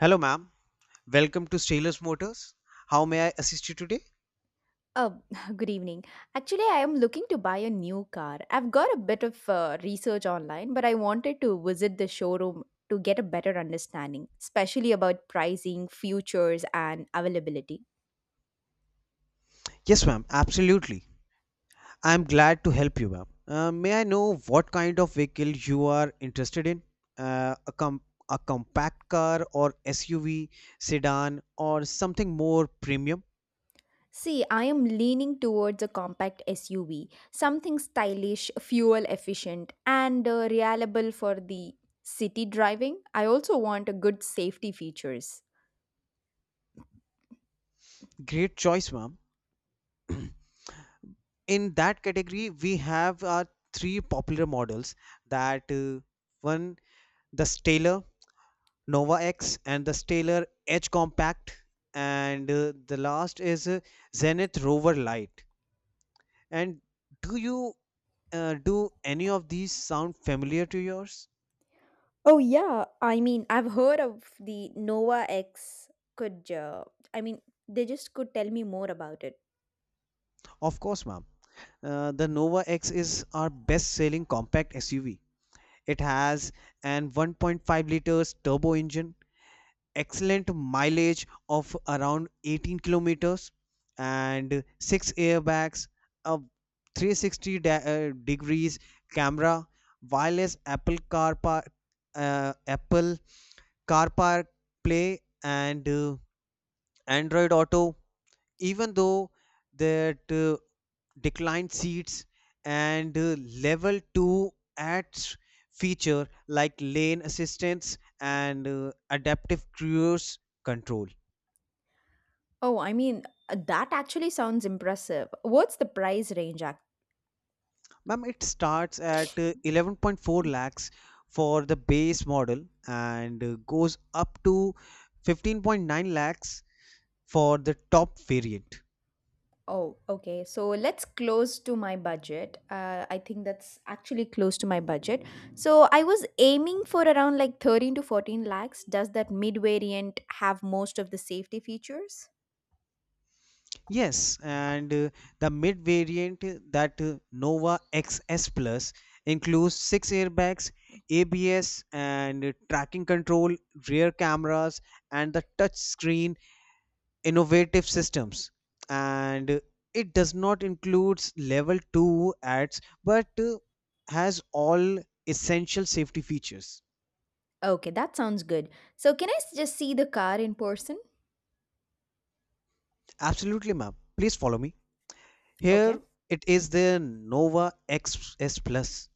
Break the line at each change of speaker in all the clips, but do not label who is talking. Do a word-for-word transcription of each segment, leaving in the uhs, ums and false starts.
Hello, ma'am. Welcome to Stainless Motors. How may I assist you today?
Oh, good evening. Actually, I am looking to buy a new car. I've got a bit of uh, research online, but I wanted to visit the showroom to get a better understanding, especially about pricing, futures, and availability.
Yes, ma'am. Absolutely. I am glad to help you, ma'am. Uh, may I know what kind of vehicle you are interested in? Uh, a, com- a compact car or S U V, sedan, or something more premium?
See, I am leaning towards a compact S U V, something stylish, fuel efficient, and uh, reliable for the city driving. I also want a good safety features.
Great choice, ma'am. In that category we have our three popular models, that uh, one the Staler Nova X and the Stellar Edge Compact, and uh, the last is uh, Zenith Rover Lite. And do you uh, do any of these sound familiar to yours?
Oh yeah, I mean, I've heard of the Nova X could uh, I mean, they just could tell me more about it.
Of course, ma'am. Uh, the Nova X is our best selling compact S U V. It has an one point five liters turbo engine, excellent mileage of around eighteen kilometers, and six airbags, a three sixty da- uh, degrees camera, wireless Apple CarPar, uh, Apple CarPar Play, and uh, Android Auto. Even though that uh, declined seats and uh, level two adds feature like lane assistance and uh, adaptive cruise control.
Oh, I mean, that actually sounds impressive. What's the price range act?
Ma'am, it starts at uh, eleven point four lakhs for the base model and uh, goes up to fifteen point nine lakhs for the top variant.
Oh, okay. So let's close to my budget. Uh, I think that's actually close to my budget. So I was aiming for around like thirteen to fourteen lakhs. Does that mid variant have most of the safety features?
Yes, and uh, the mid variant uh, that uh, Nova X S Plus includes six airbags, A B S, and uh, tracking control, rear cameras, and the touchscreen innovative systems, and it does not includes level two ads, but uh, has all essential safety features.
Okay, that sounds good. So, can I s- just see the car in person?
Absolutely, ma'am, please follow me.
Okay.
Here it is, the Nova XS Plus.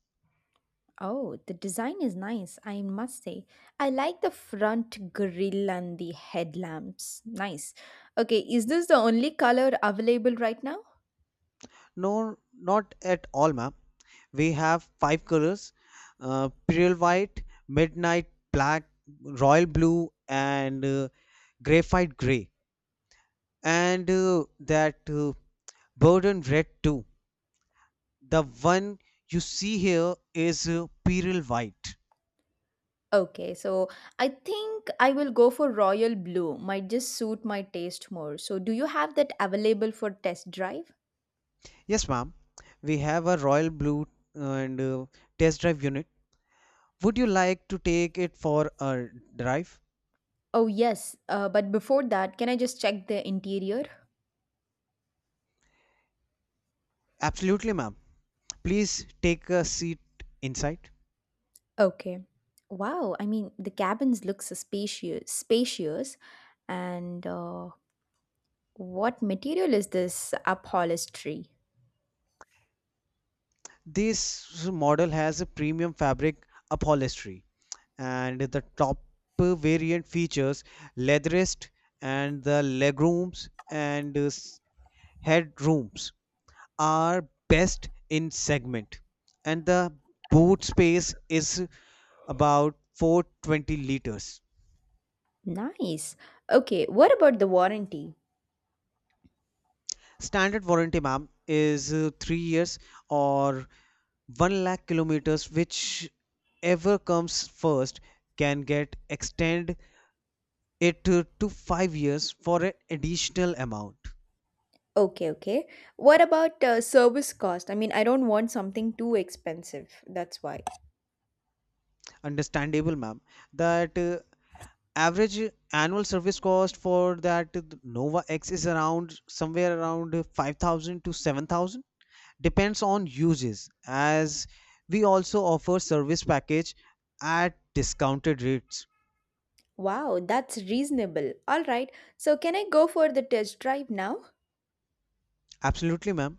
Oh, the design is nice, I must say. I like the front grille and the headlamps. Nice. Okay, is this the only color available right now?
No, not at all, ma'am. We have five colors: uh, pearl white, midnight black, royal blue, and uh, graphite gray, and uh, that uh, Burden Red too. The one you see here is uh, Pearl White.
Okay, so I think I will go for royal blue. Might just suit my taste more. So, do you have that available for test drive?
Yes, ma'am. We have a Royal Blue uh, and uh, test drive unit. Would you like to take it for a drive?
Oh, yes. Uh, but before that, can I just check the interior?
Absolutely, ma'am. Please take a seat inside.
Okay. Wow. I mean, the cabins look spacious, spacious, and uh, what material is this upholstery?
This model has a premium fabric upholstery, and the top variant features leadrest, and the legrooms and uh, s- headrooms are best in segment, and the boot space is about four hundred twenty liters.
Nice. Okay. What about the warranty?
Standard warranty, ma'am, is uh, three years or one lakh kilometers, which ever comes first. Can get extend it uh, to five years for an additional amount.
Okay. Okay. What about uh, service cost? I mean, I don't want something too expensive. That's why.
Understandable, ma'am. That uh, Average annual service cost for that Nova X is around somewhere around five thousand to seven thousand, depends on uses, as we also offer service package at discounted rates.
Wow, that's reasonable. All right. So, can I go for the test drive now?
Absolutely, ma'am,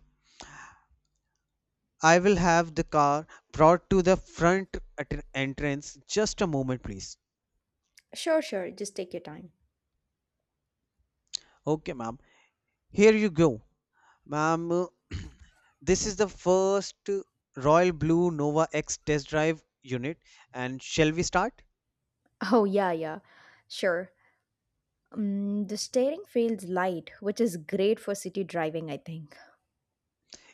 I will have the car brought to the front at- entrance. Just a moment, please.
Sure. Sure. Just take your time.
Okay, ma'am, here you go, ma'am. Uh, this is the first uh, royal blue Nova X test drive unit, and shall we start?
Oh yeah, yeah. Sure. Mm, the steering feels light, which is great for city driving, I think.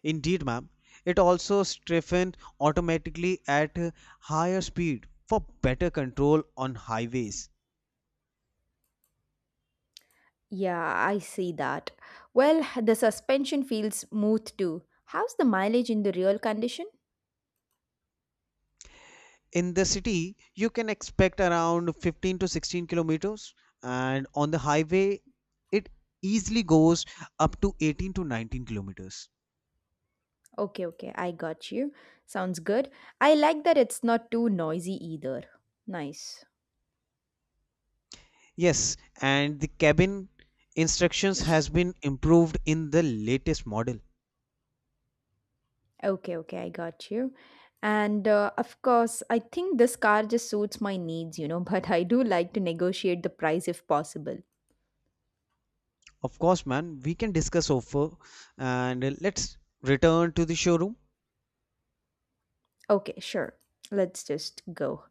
Indeed, ma'am. It also strengthened automatically at higher speed for better control on highways.
Yeah, I see that. Well, the suspension feels smooth too. How's the mileage in the real condition?
In the city, you can expect around fifteen to sixteen kilometers, and on the highway, it easily goes up to eighteen to nineteen kilometers.
Okay, okay, I got you. Sounds good. I like that it's not too noisy either. Nice.
Yes, and the cabin instructions has been improved in the latest model.
Okay, okay, I got you. And uh, of course, I think this car just suits my needs, you know, but I do like to negotiate the price if possible.
Of course, man, we can discuss over, and let's return to the showroom.
Okay, sure. Let's just go.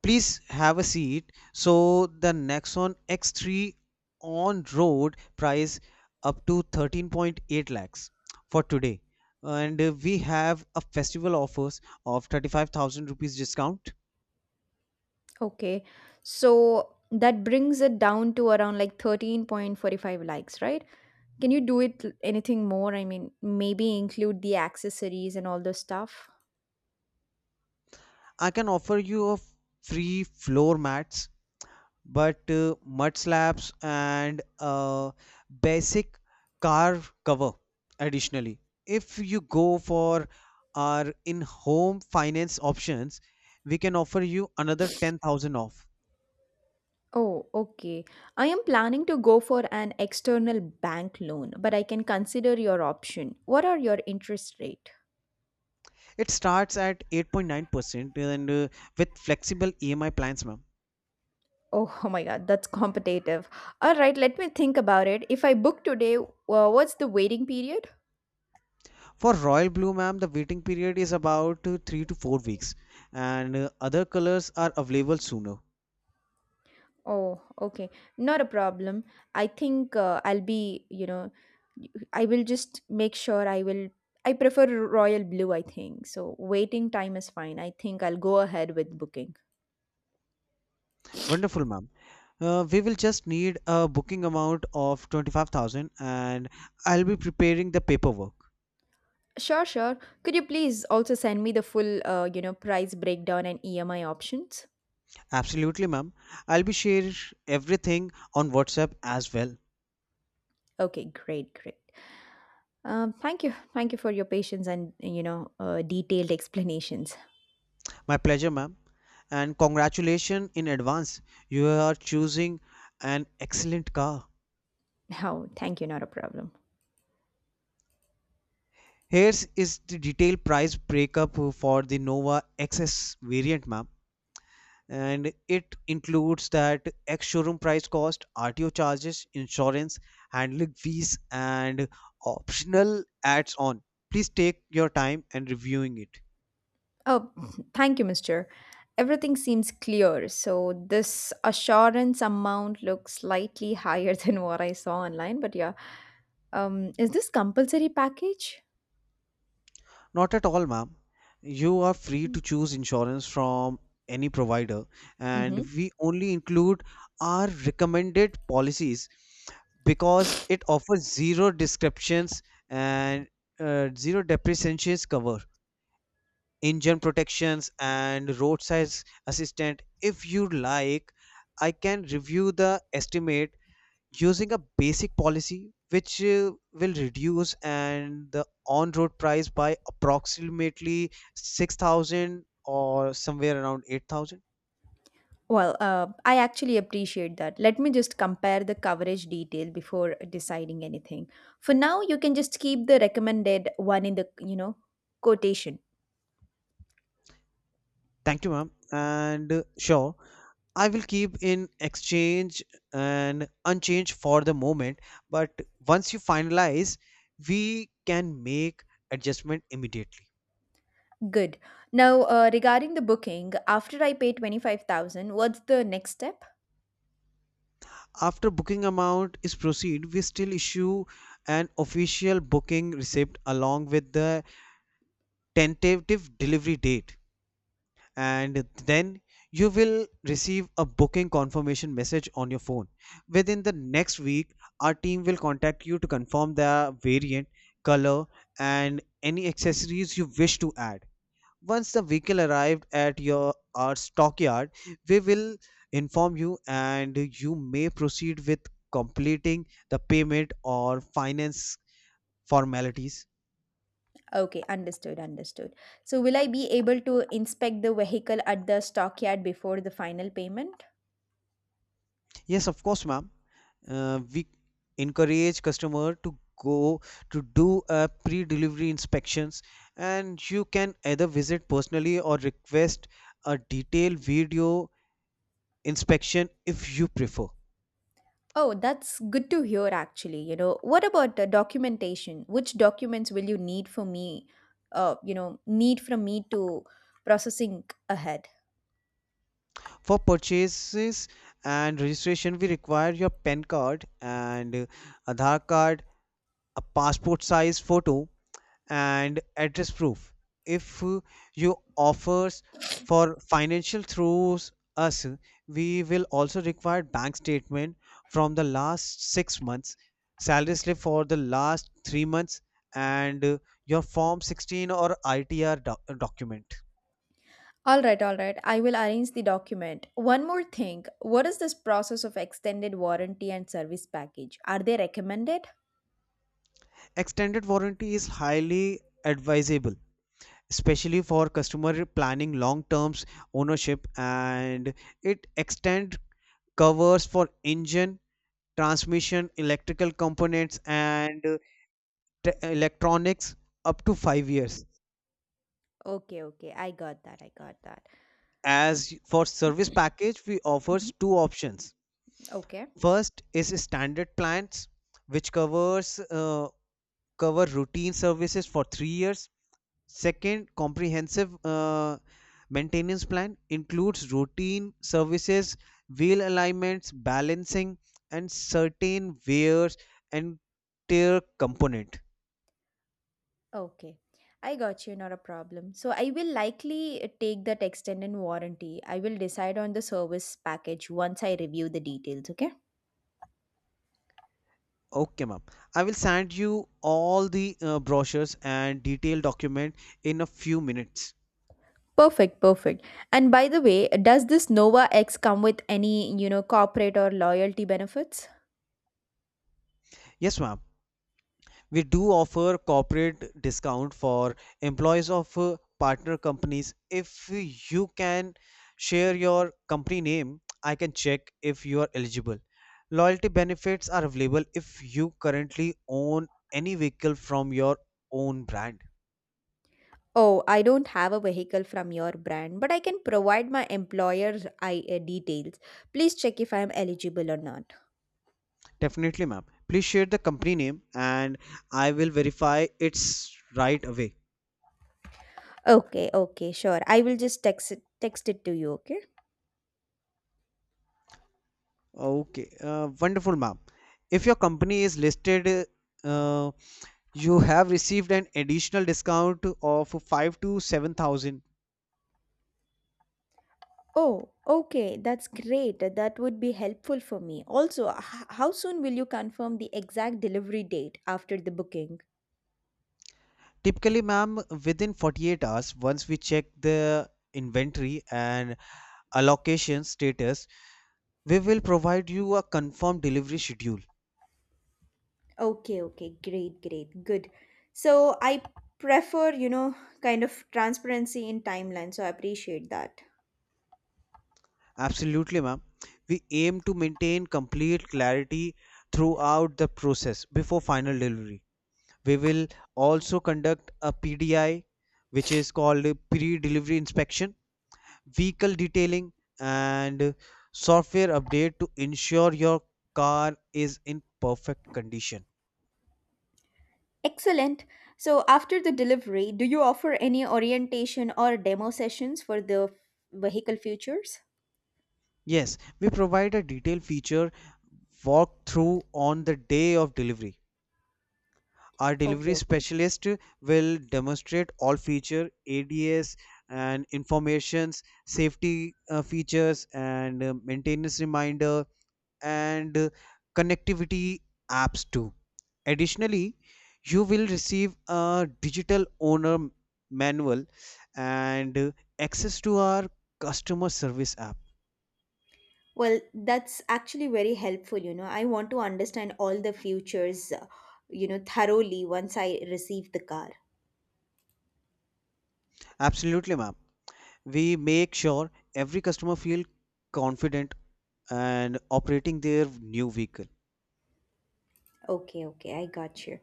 Please have a seat. So the Nexon X three on-road price up to thirteen point eight lakhs for today. And uh, we have a festival offers of thirty-five thousand rupees discount.
Okay. So that brings it down to around like thirteen point four five likes, right? Can you do it l- anything more? I mean, maybe include the accessories and all the stuff.
I can offer you a free floor mats, but uh, mud slabs and uh, basic car cover additionally. If you go for our in home finance options, we can offer you another ten thousand off.
Oh, okay. I am planning to go for an external bank loan, but I can consider your option. What are your interest rate?
It starts at eight point nine percent, and uh, with flexible E M I plans, ma'am.
Oh, oh my God, that's competitive. All right, let me think about it. If I book today, uh, what's the waiting period?
For royal blue, ma'am, the waiting period is about uh, three to four weeks, and uh, other colors are available sooner.
Oh, okay. Not a problem. I think uh, I'll be, you know, I will just make sure I will. I prefer royal blue, I think. So waiting time is fine. I think I'll go ahead with booking.
Wonderful, ma'am. Uh, we will just need a booking amount of twenty-five thousand, and I'll be preparing the paperwork.
Sure, sure. Could you please also send me the full, uh, you know, price breakdown and E M I options?
Absolutely, ma'am. I'll be sharing everything on WhatsApp as well.
Okay, great, great. Um, thank you. Thank you for your patience and, you know, uh, detailed explanations.
My pleasure, ma'am. And congratulations in advance. You are choosing an excellent car.
Oh, thank you, not a problem.
Here is the detailed price breakup for the Nova X S variant, ma'am. And it includes that ex-showroom price cost, R T O charges, insurance, handling fees, and optional adds-on. Please take your time and reviewing it.
Oh, thank you, Mister Everything seems clear. So this assurance amount looks slightly higher than what I saw online, but yeah. Um, is this compulsory package?
Not at all, ma'am. You are free to choose insurance from any provider, and
Mm-hmm.
we only include our recommended policies because it offers zero descriptions and uh, zero depreciations cover, engine protections and roadside assistant. If you like, I can review the estimate using a basic policy, which uh, will reduce and the on road price by approximately six thousand or somewhere around eight thousand.
Well, uh, I actually appreciate that. Let me just compare the coverage detail before deciding anything. For now, you can just keep the recommended one in the, you know, quotation.
Thank you, ma'am, and uh, sure, I will keep in exchange and unchanged for the moment, but once you finalize, we can make adjustment immediately.
Good. Now, uh, regarding the booking, after I pay twenty-five thousand, what's the next step?
After booking amount is proceed, we still issue an official booking receipt along with the tentative delivery date. And then you will receive a booking confirmation message on your phone. Within the next week, our team will contact you to confirm the variant, color, and any accessories you wish to add. Once the vehicle arrived at your our stockyard, we will inform you, and you may proceed with completing the payment or finance formalities.
Okay, understood, understood. So will I be able to inspect the vehicle at the stockyard before the final payment?
Yes, of course, ma'am. Uh, we encourage customer to go to do a pre-delivery inspections, and you can either visit personally or request a detailed video inspection if you prefer.
Oh, that's good to hear actually. You know, what about the documentation? Which documents will you need for me, uh, you know, need from me to processing ahead?
For purchases and registration, we require your PAN card and uh, Aadhaar card, a passport size photo, and address proof. If uh, you offers for financial through us, we will also require bank statement from the last six months, salary slip for the last three months, and uh, your Form sixteen or I T R doc- document.
All right, all right. I will arrange the document. One more thing. What is this process of extended warranty and service package? Are they recommended?
Extended warranty is highly advisable, especially for customer planning long terms ownership, and it extend covers for engine, transmission, electrical components, and uh, te- electronics up to five years.
Okay, okay. I got that. I got that.
As for service package, we
Mhm.
offers two options.
Okay.
First is standard plans, which covers uh, cover routine services for three years. Second, comprehensive uh, maintenance plan includes routine services, wheel alignments, balancing, and certain wears and tear component.
Okay, I got you, not a problem. So I will likely uh, take that extended warranty. I will decide on the service package once I review the details, okay?
Okay, ma'am. I will send you all the uh, brochures and detailed document in a few minutes.
Perfect, perfect. And by the way, does this Nova X come with any, you know, corporate or loyalty benefits?
Yes, ma'am. We do offer corporate discount for employees of uh, partner companies. If you can share your company name, I can check if you are eligible. Loyalty benefits are available if you currently own any vehicle from your own brand.
Oh, I don't have a vehicle from your brand, but I can provide my employer's I uh, details. Please check if I am eligible or not.
Definitely, ma'am. Please share the company name, and I will verify it's right away.
Okay, okay, sure. I will just text it, text it to you, okay?
Okay, uh, wonderful, ma'am. If your company is listed, uh, you have received an additional discount of five to seven thousand.
Oh, okay, that's great. That would be helpful for me. Also, h- how soon will you confirm the exact delivery date after the booking?
Typically, ma'am, within forty-eight hours, once we check the inventory and allocation status, we will provide you a confirmed delivery schedule.
Okay, okay, great, great, good. So I prefer, you know, kind of transparency in timeline, so I appreciate that.
Absolutely, ma'am. We aim to maintain complete clarity throughout the process. Before final delivery, we will also conduct a P D I, which is called pre-delivery inspection, vehicle detailing, and software update to ensure your car is in perfect condition.
Excellent. So after the delivery, do you offer any orientation or demo sessions for the vehicle futures?
Yes, we provide a detailed feature walkthrough on the day of delivery. Our
Okay,
delivery
okay.
specialist will demonstrate all feature A D S and informations, safety uh, features and uh, maintenance reminder, and uh, connectivity apps too. Additionally, you will receive a digital owner m- manual and uh, access to our customer service app.
Well, that's actually very helpful. You know, I want to understand all the futures, uh, you know, thoroughly once I receive the car.
Absolutely, ma'am. We make sure every customer feel confident and operating their new vehicle.
Okay, okay, I got you.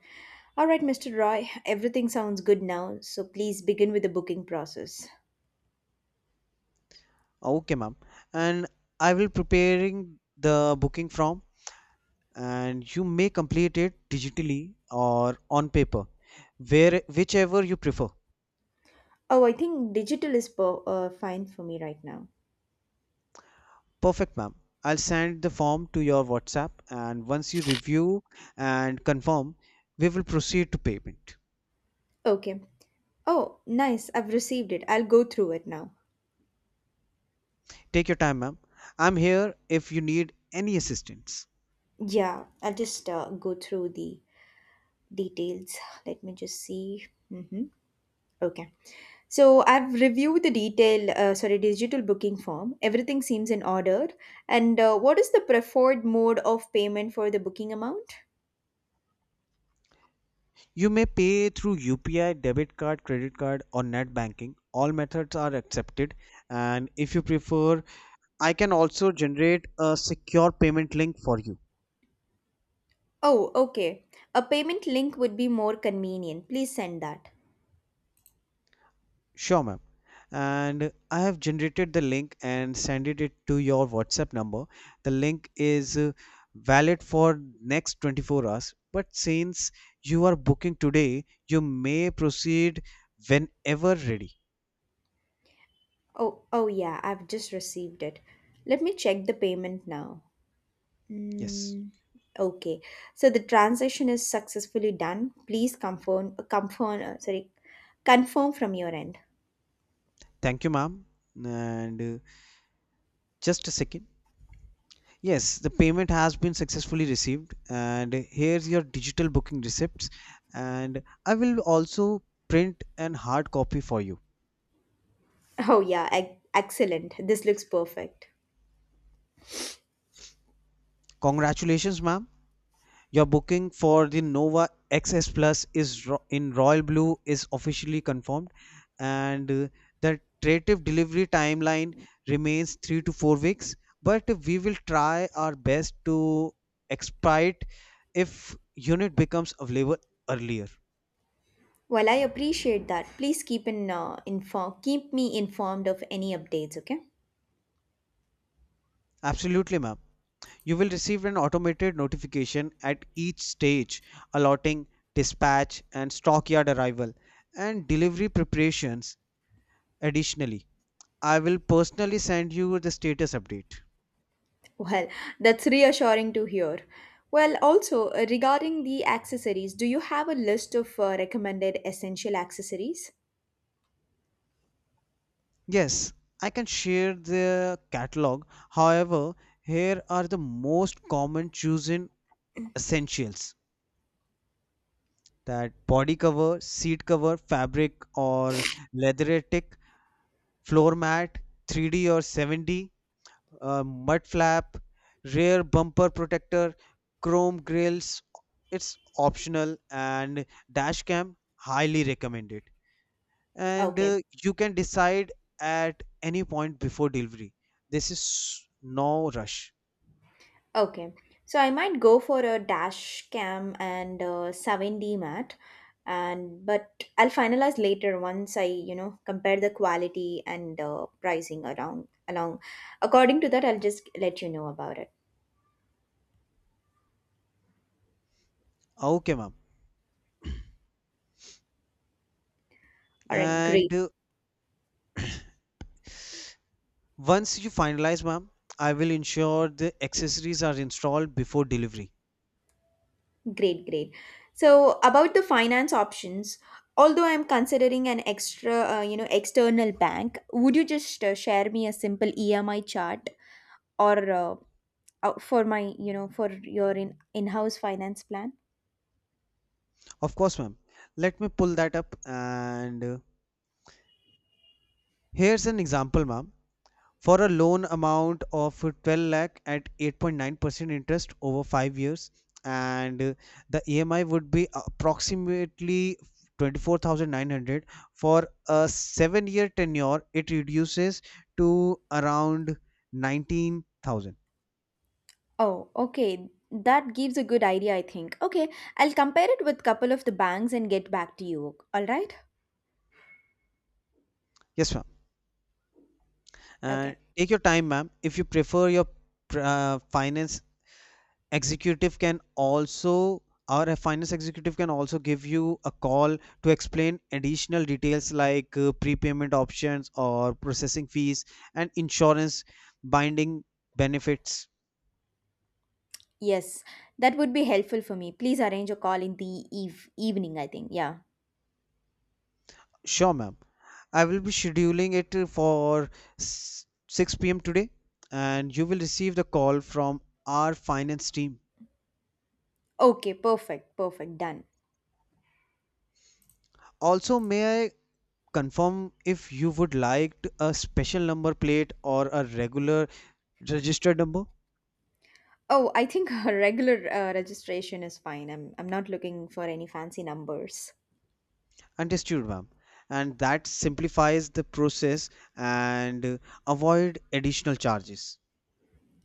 All right, Mister Roy, everything sounds good now, so please begin with the booking process.
Okay, ma'am. And I will preparing the booking form, and you may complete it digitally or on paper, where whichever you prefer.
Oh, I think digital is po- uh, fine for me right now.
Perfect, ma'am. I'll send the form to your WhatsApp, and once you review and confirm, we will proceed to payment.
Okay. Oh, nice. I've received it. I'll go through it now.
Take your time, ma'am. I'm here if you need any assistance.
Yeah, I'll just uh, go through the details. Let me just see. Mm-hmm. Okay. So I've reviewed the detail, uh, sorry, digital booking form. Everything seems in order. And uh, what is the preferred mode of payment for the booking amount?
You may pay through U P I, debit card, credit card, or net banking. All methods are accepted, and if you prefer, I can also generate a secure payment link for you.
Oh, okay. A payment link would be more convenient. Please send that.
Sure, ma'am. And I have generated the link and sent it to your WhatsApp number. The link is uh, valid for next twenty-four hours, but since you are booking today, you may proceed whenever ready.
Oh, oh yeah, I've just received it. Let me check the payment now.
Yes.
Mm, okay. So the transaction is successfully done. Please confirm, confirm, uh, sorry, confirm from your end.
Thank you, ma'am. And uh, just a second. Yes, the payment has been successfully received, and here's your digital booking receipts. And I will also print an hard copy for you.
Oh yeah, ec- excellent. This looks perfect.
Congratulations, ma'am. Your booking for the Nova X S Plus is ro- in royal blue is officially confirmed, and uh, the tentative delivery timeline remains three to four weeks. But we will try our best to expedite if unit becomes available earlier.
Well, I appreciate that. Please keep in uh, inform keep me informed of any updates, okay?
Absolutely, ma'am. You will receive an automated notification at each stage: allotting, dispatch and stockyard arrival, and delivery preparations. Additionally, I will personally send you the status update.
Well, that's reassuring to hear. Well, also uh, regarding the accessories, do you have a list of uh, recommended essential accessories?
Yes, I can share the catalog. However, here are the most common chosen essentials: that body cover, seat cover, fabric or leatheratic, floor mat, three D or seven D, uh, mud flap, rear bumper protector, chrome grills. It's optional, and dash cam highly recommended. And
Okay.
uh, you can decide at any point before delivery. This is no rush.
Okay. So I might go for a dash cam and uh, seven D mat and but I'll finalize later once I, you know, compare the quality and uh, pricing around along. According to that, I'll just let you know about it.
Okay, ma'am.
All right,
And
great,
uh, once you finalize, ma'am, I will ensure the accessories are installed before delivery.
great, great. So about the finance options, although I'm considering an extra, uh, you know, external bank, would you just uh, share me a simple E M I chart or uh, uh, for my, you know, for your in in-house finance plan?
Of course, ma'am. Let me pull that up. And uh, Here's an example, ma'am, for a loan amount of twelve lakh at eight point nine percent interest over five years, and uh, the E M I would be approximately twenty-four thousand nine hundred. For a seven year tenure it reduces to around nineteen thousand.
Oh, okay. That gives a good idea, I think. Okay, I'll compare it with couple of the banks and get back to you. All right?
Yes, ma'am, and
Okay.
take your time, ma'am. If you prefer your uh, finance executive can also or a finance executive can also give you a call to explain additional details like uh, prepayment options or processing fees and insurance binding benefits.
Yes, that would be helpful for me. Please arrange a call in the eve evening, I think. Yeah.
Sure, ma'am. I will be scheduling it uh, for s- six p m today, and you will receive the call from our finance team.
Okay, perfect, perfect, done.
Also, may I confirm if you would like a special number plate or a regular registered number?
Oh, I think a regular uh, registration is fine. I'm I'm not looking for any fancy numbers.
Understood, ma'am. And that simplifies the process and uh, avoid additional charges.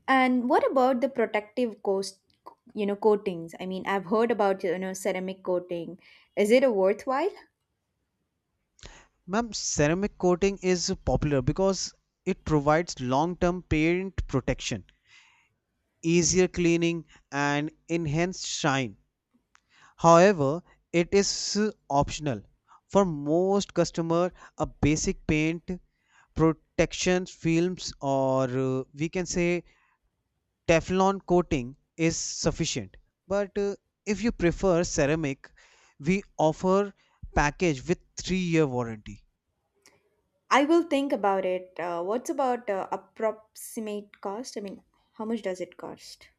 And what about the protective coast, you know, coatings? I mean, I've heard about, you know, ceramic coating. Is it a worthwhile?
Ma'am, ceramic coating is popular because it provides long-term paint protection, easier cleaning, and enhanced shine. However, it is uh, optional. For most customer, a basic paint protection films, or uh, we can say Teflon coating, is sufficient, but uh, if you prefer ceramic, we offer package with three year warranty.
I will think about it. Uh, what's about uh, approximate cost? I mean, how much does it cost?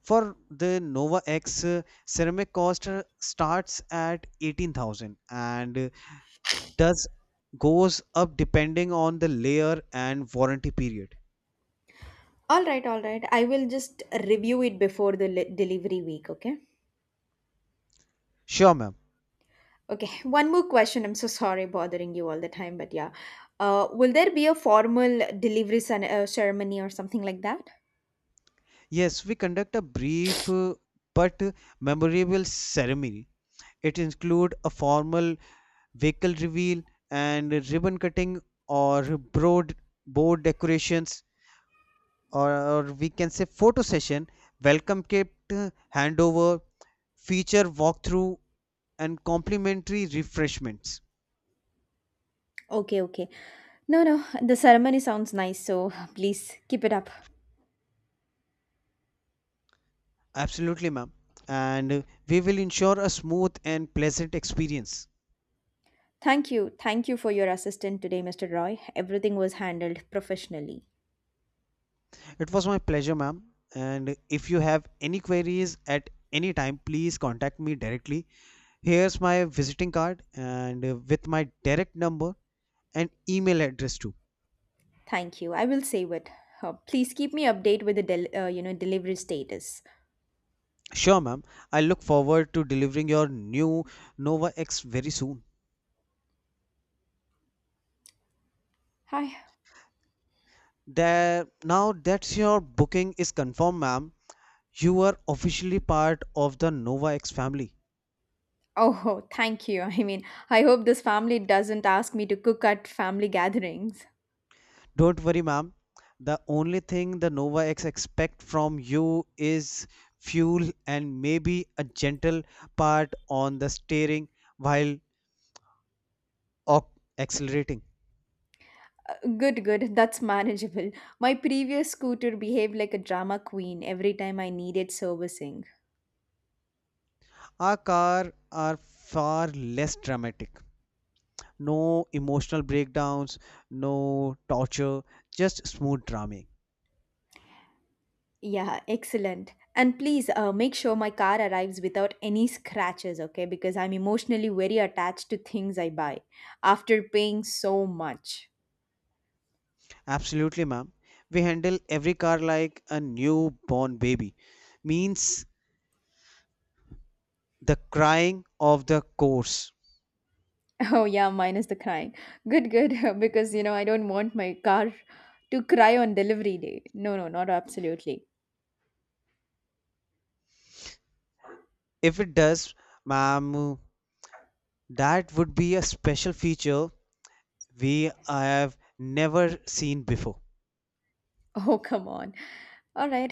For the Nova X, uh, ceramic cost uh, starts at eighteen thousand, and uh, does goes up depending on the layer and warranty period.
All right, all right. I will just review it before the li- delivery week, okay?
Sure, ma'am.
Okay, one more question. I'm so sorry bothering you all the time, but yeah. Uh, will there be a formal delivery cen- uh, ceremony or something like that?
Yes, we conduct a brief uh, but memorable ceremony. It includes a formal vehicle reveal and ribbon cutting, or broad board decorations, or, or we can say photo session, welcome kit uh, handover, feature walkthrough, and complimentary refreshments.
Okay, okay. No, no, the ceremony sounds nice, so please keep it up.
Absolutely, ma'am. And uh, We will ensure a smooth and pleasant experience.
Thank you. Thank you for your assistance today, Mister Roy. Everything was handled professionally.
It was my pleasure, ma'am. And if you have any queries at any time, please contact me directly. Here's my visiting card, and uh, with my direct number and email address too.
Thank you. I will save it. Uh, please keep me updated with the del- uh, you know, delivery status.
Sure, ma'am. I look forward to delivering your new Nova X very soon.
Hi.
There, now that your booking is confirmed, ma'am, you are officially part of the Nova X family.
Oh, thank you. I mean, I hope this family doesn't ask me to cook at family gatherings.
Don't worry, ma'am. The only thing the Nova X expect from you is fuel, and maybe a gentle part on the steering while ac- accelerating.
Good, good. That's manageable. My previous scooter behaved like a drama queen every time I needed servicing.
Our car are far less dramatic. No emotional breakdowns, no torture, just smooth drumming.
Yeah, excellent. And please uh, make sure my car arrives without any scratches, okay? Because I'm emotionally very attached to things I buy after paying so much.
Absolutely, ma'am. We handle every car like a newborn baby. Means the crying of the course.
Oh, yeah, minus the crying. Good, good. Because, you know, I don't want my car to cry on delivery day. No, no, not absolutely.
If it does, ma'am, that would be a special feature we have never seen before.
Oh, come on. All right.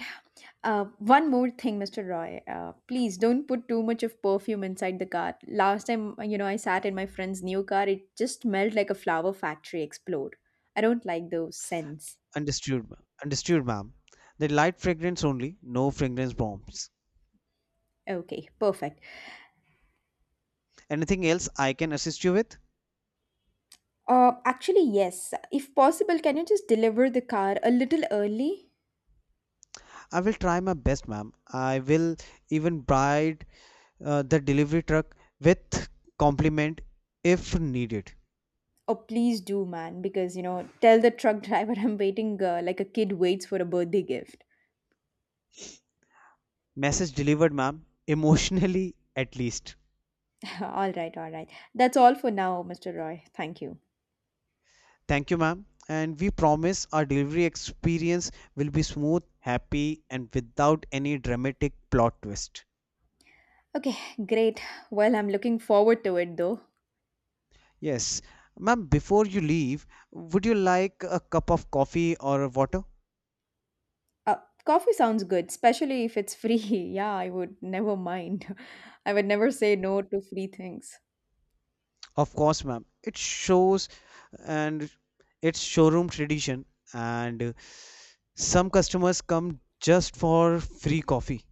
Uh, one more thing, Mister Roy. Uh, please don't put too much of perfume inside the car. Last time, you know, I sat in my friend's new car, it just smelled like a flower factory explode. I don't like those scents.
Understood, ma'am. Understood, ma'am. The light fragrance only, no fragrance bombs.
Okay, perfect.
Anything else I can assist you with?
Uh, actually, yes. If possible, can you just deliver the car a little early?
I will try my best, ma'am. I will even bribe uh, the delivery truck with compliment if needed.
Oh, please do, man, because, you know, tell the truck driver I'm waiting uh, like a kid waits for a birthday gift.
Message delivered, ma'am. Emotionally, at least.
all right, all right. That's all for now, Mister Roy. Thank you.
Thank you, ma'am. And we promise our delivery experience will be smooth, happy, and without any dramatic plot twist.
Okay, great. Well, I'm looking forward to it though.
Yes, ma'am. Before you leave, would you like a cup of coffee or water?
Uh, Coffee sounds good, especially if it's free. Yeah, I would never mind. I would never say no to free things.
Of course, ma'am. It shows and it's showroom tradition, and uh, some customers come just for free coffee.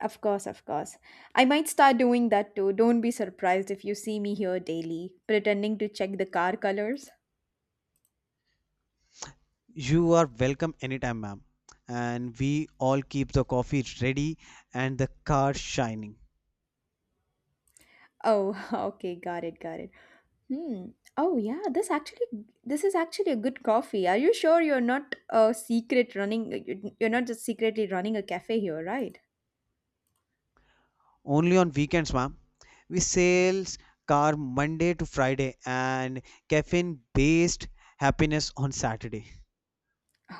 Of course, of course. I might start doing that too. Don't be surprised if you see me here daily, pretending to check the car colors.
You are welcome anytime, ma'am. And we all keep the coffee ready and the car shining.
Oh, okay, got it, got it. Hmm. Oh yeah, this actually this is actually a good coffee. Are you sure you're not a secret running you're not just secretly running a cafe here, right?
Only on weekends, ma'am. We sales car Monday to Friday, and caffeine based happiness on Saturday.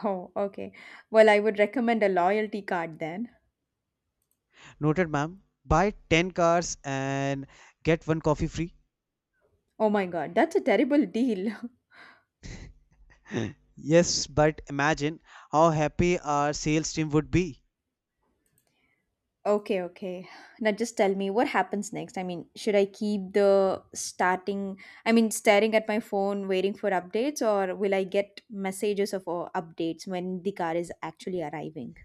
Oh, okay. Well, I would recommend a loyalty card then.
Noted, ma'am. Buy ten cars and get one coffee free.
Oh my god, that's a terrible deal.
Yes, but imagine how happy our sales team would be.
Okay, okay. Now just tell me what happens next. I mean, should I keep the starting, I mean, staring at my phone waiting for updates, or will I get messages of uh, updates when the car is actually arriving?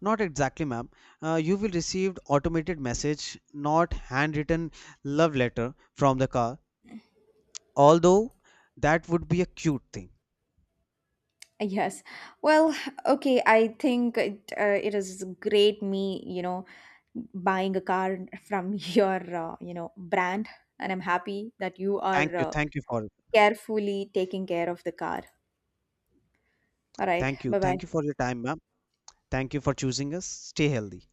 Not exactly, ma'am. Uh, you will receive automated message, not handwritten love letter from the car. Although that would be a cute thing.
Yes. Well, okay, I think it, uh, it is great me, you know, buying a car from your, uh, you know, brand. And I'm happy that you
Thank
are
you,
uh,
thank you for it.
carefully taking care of the car. All right.
Thank you,
Bye bye.
thank you for your time, ma'am. Thank you for choosing us. Stay healthy.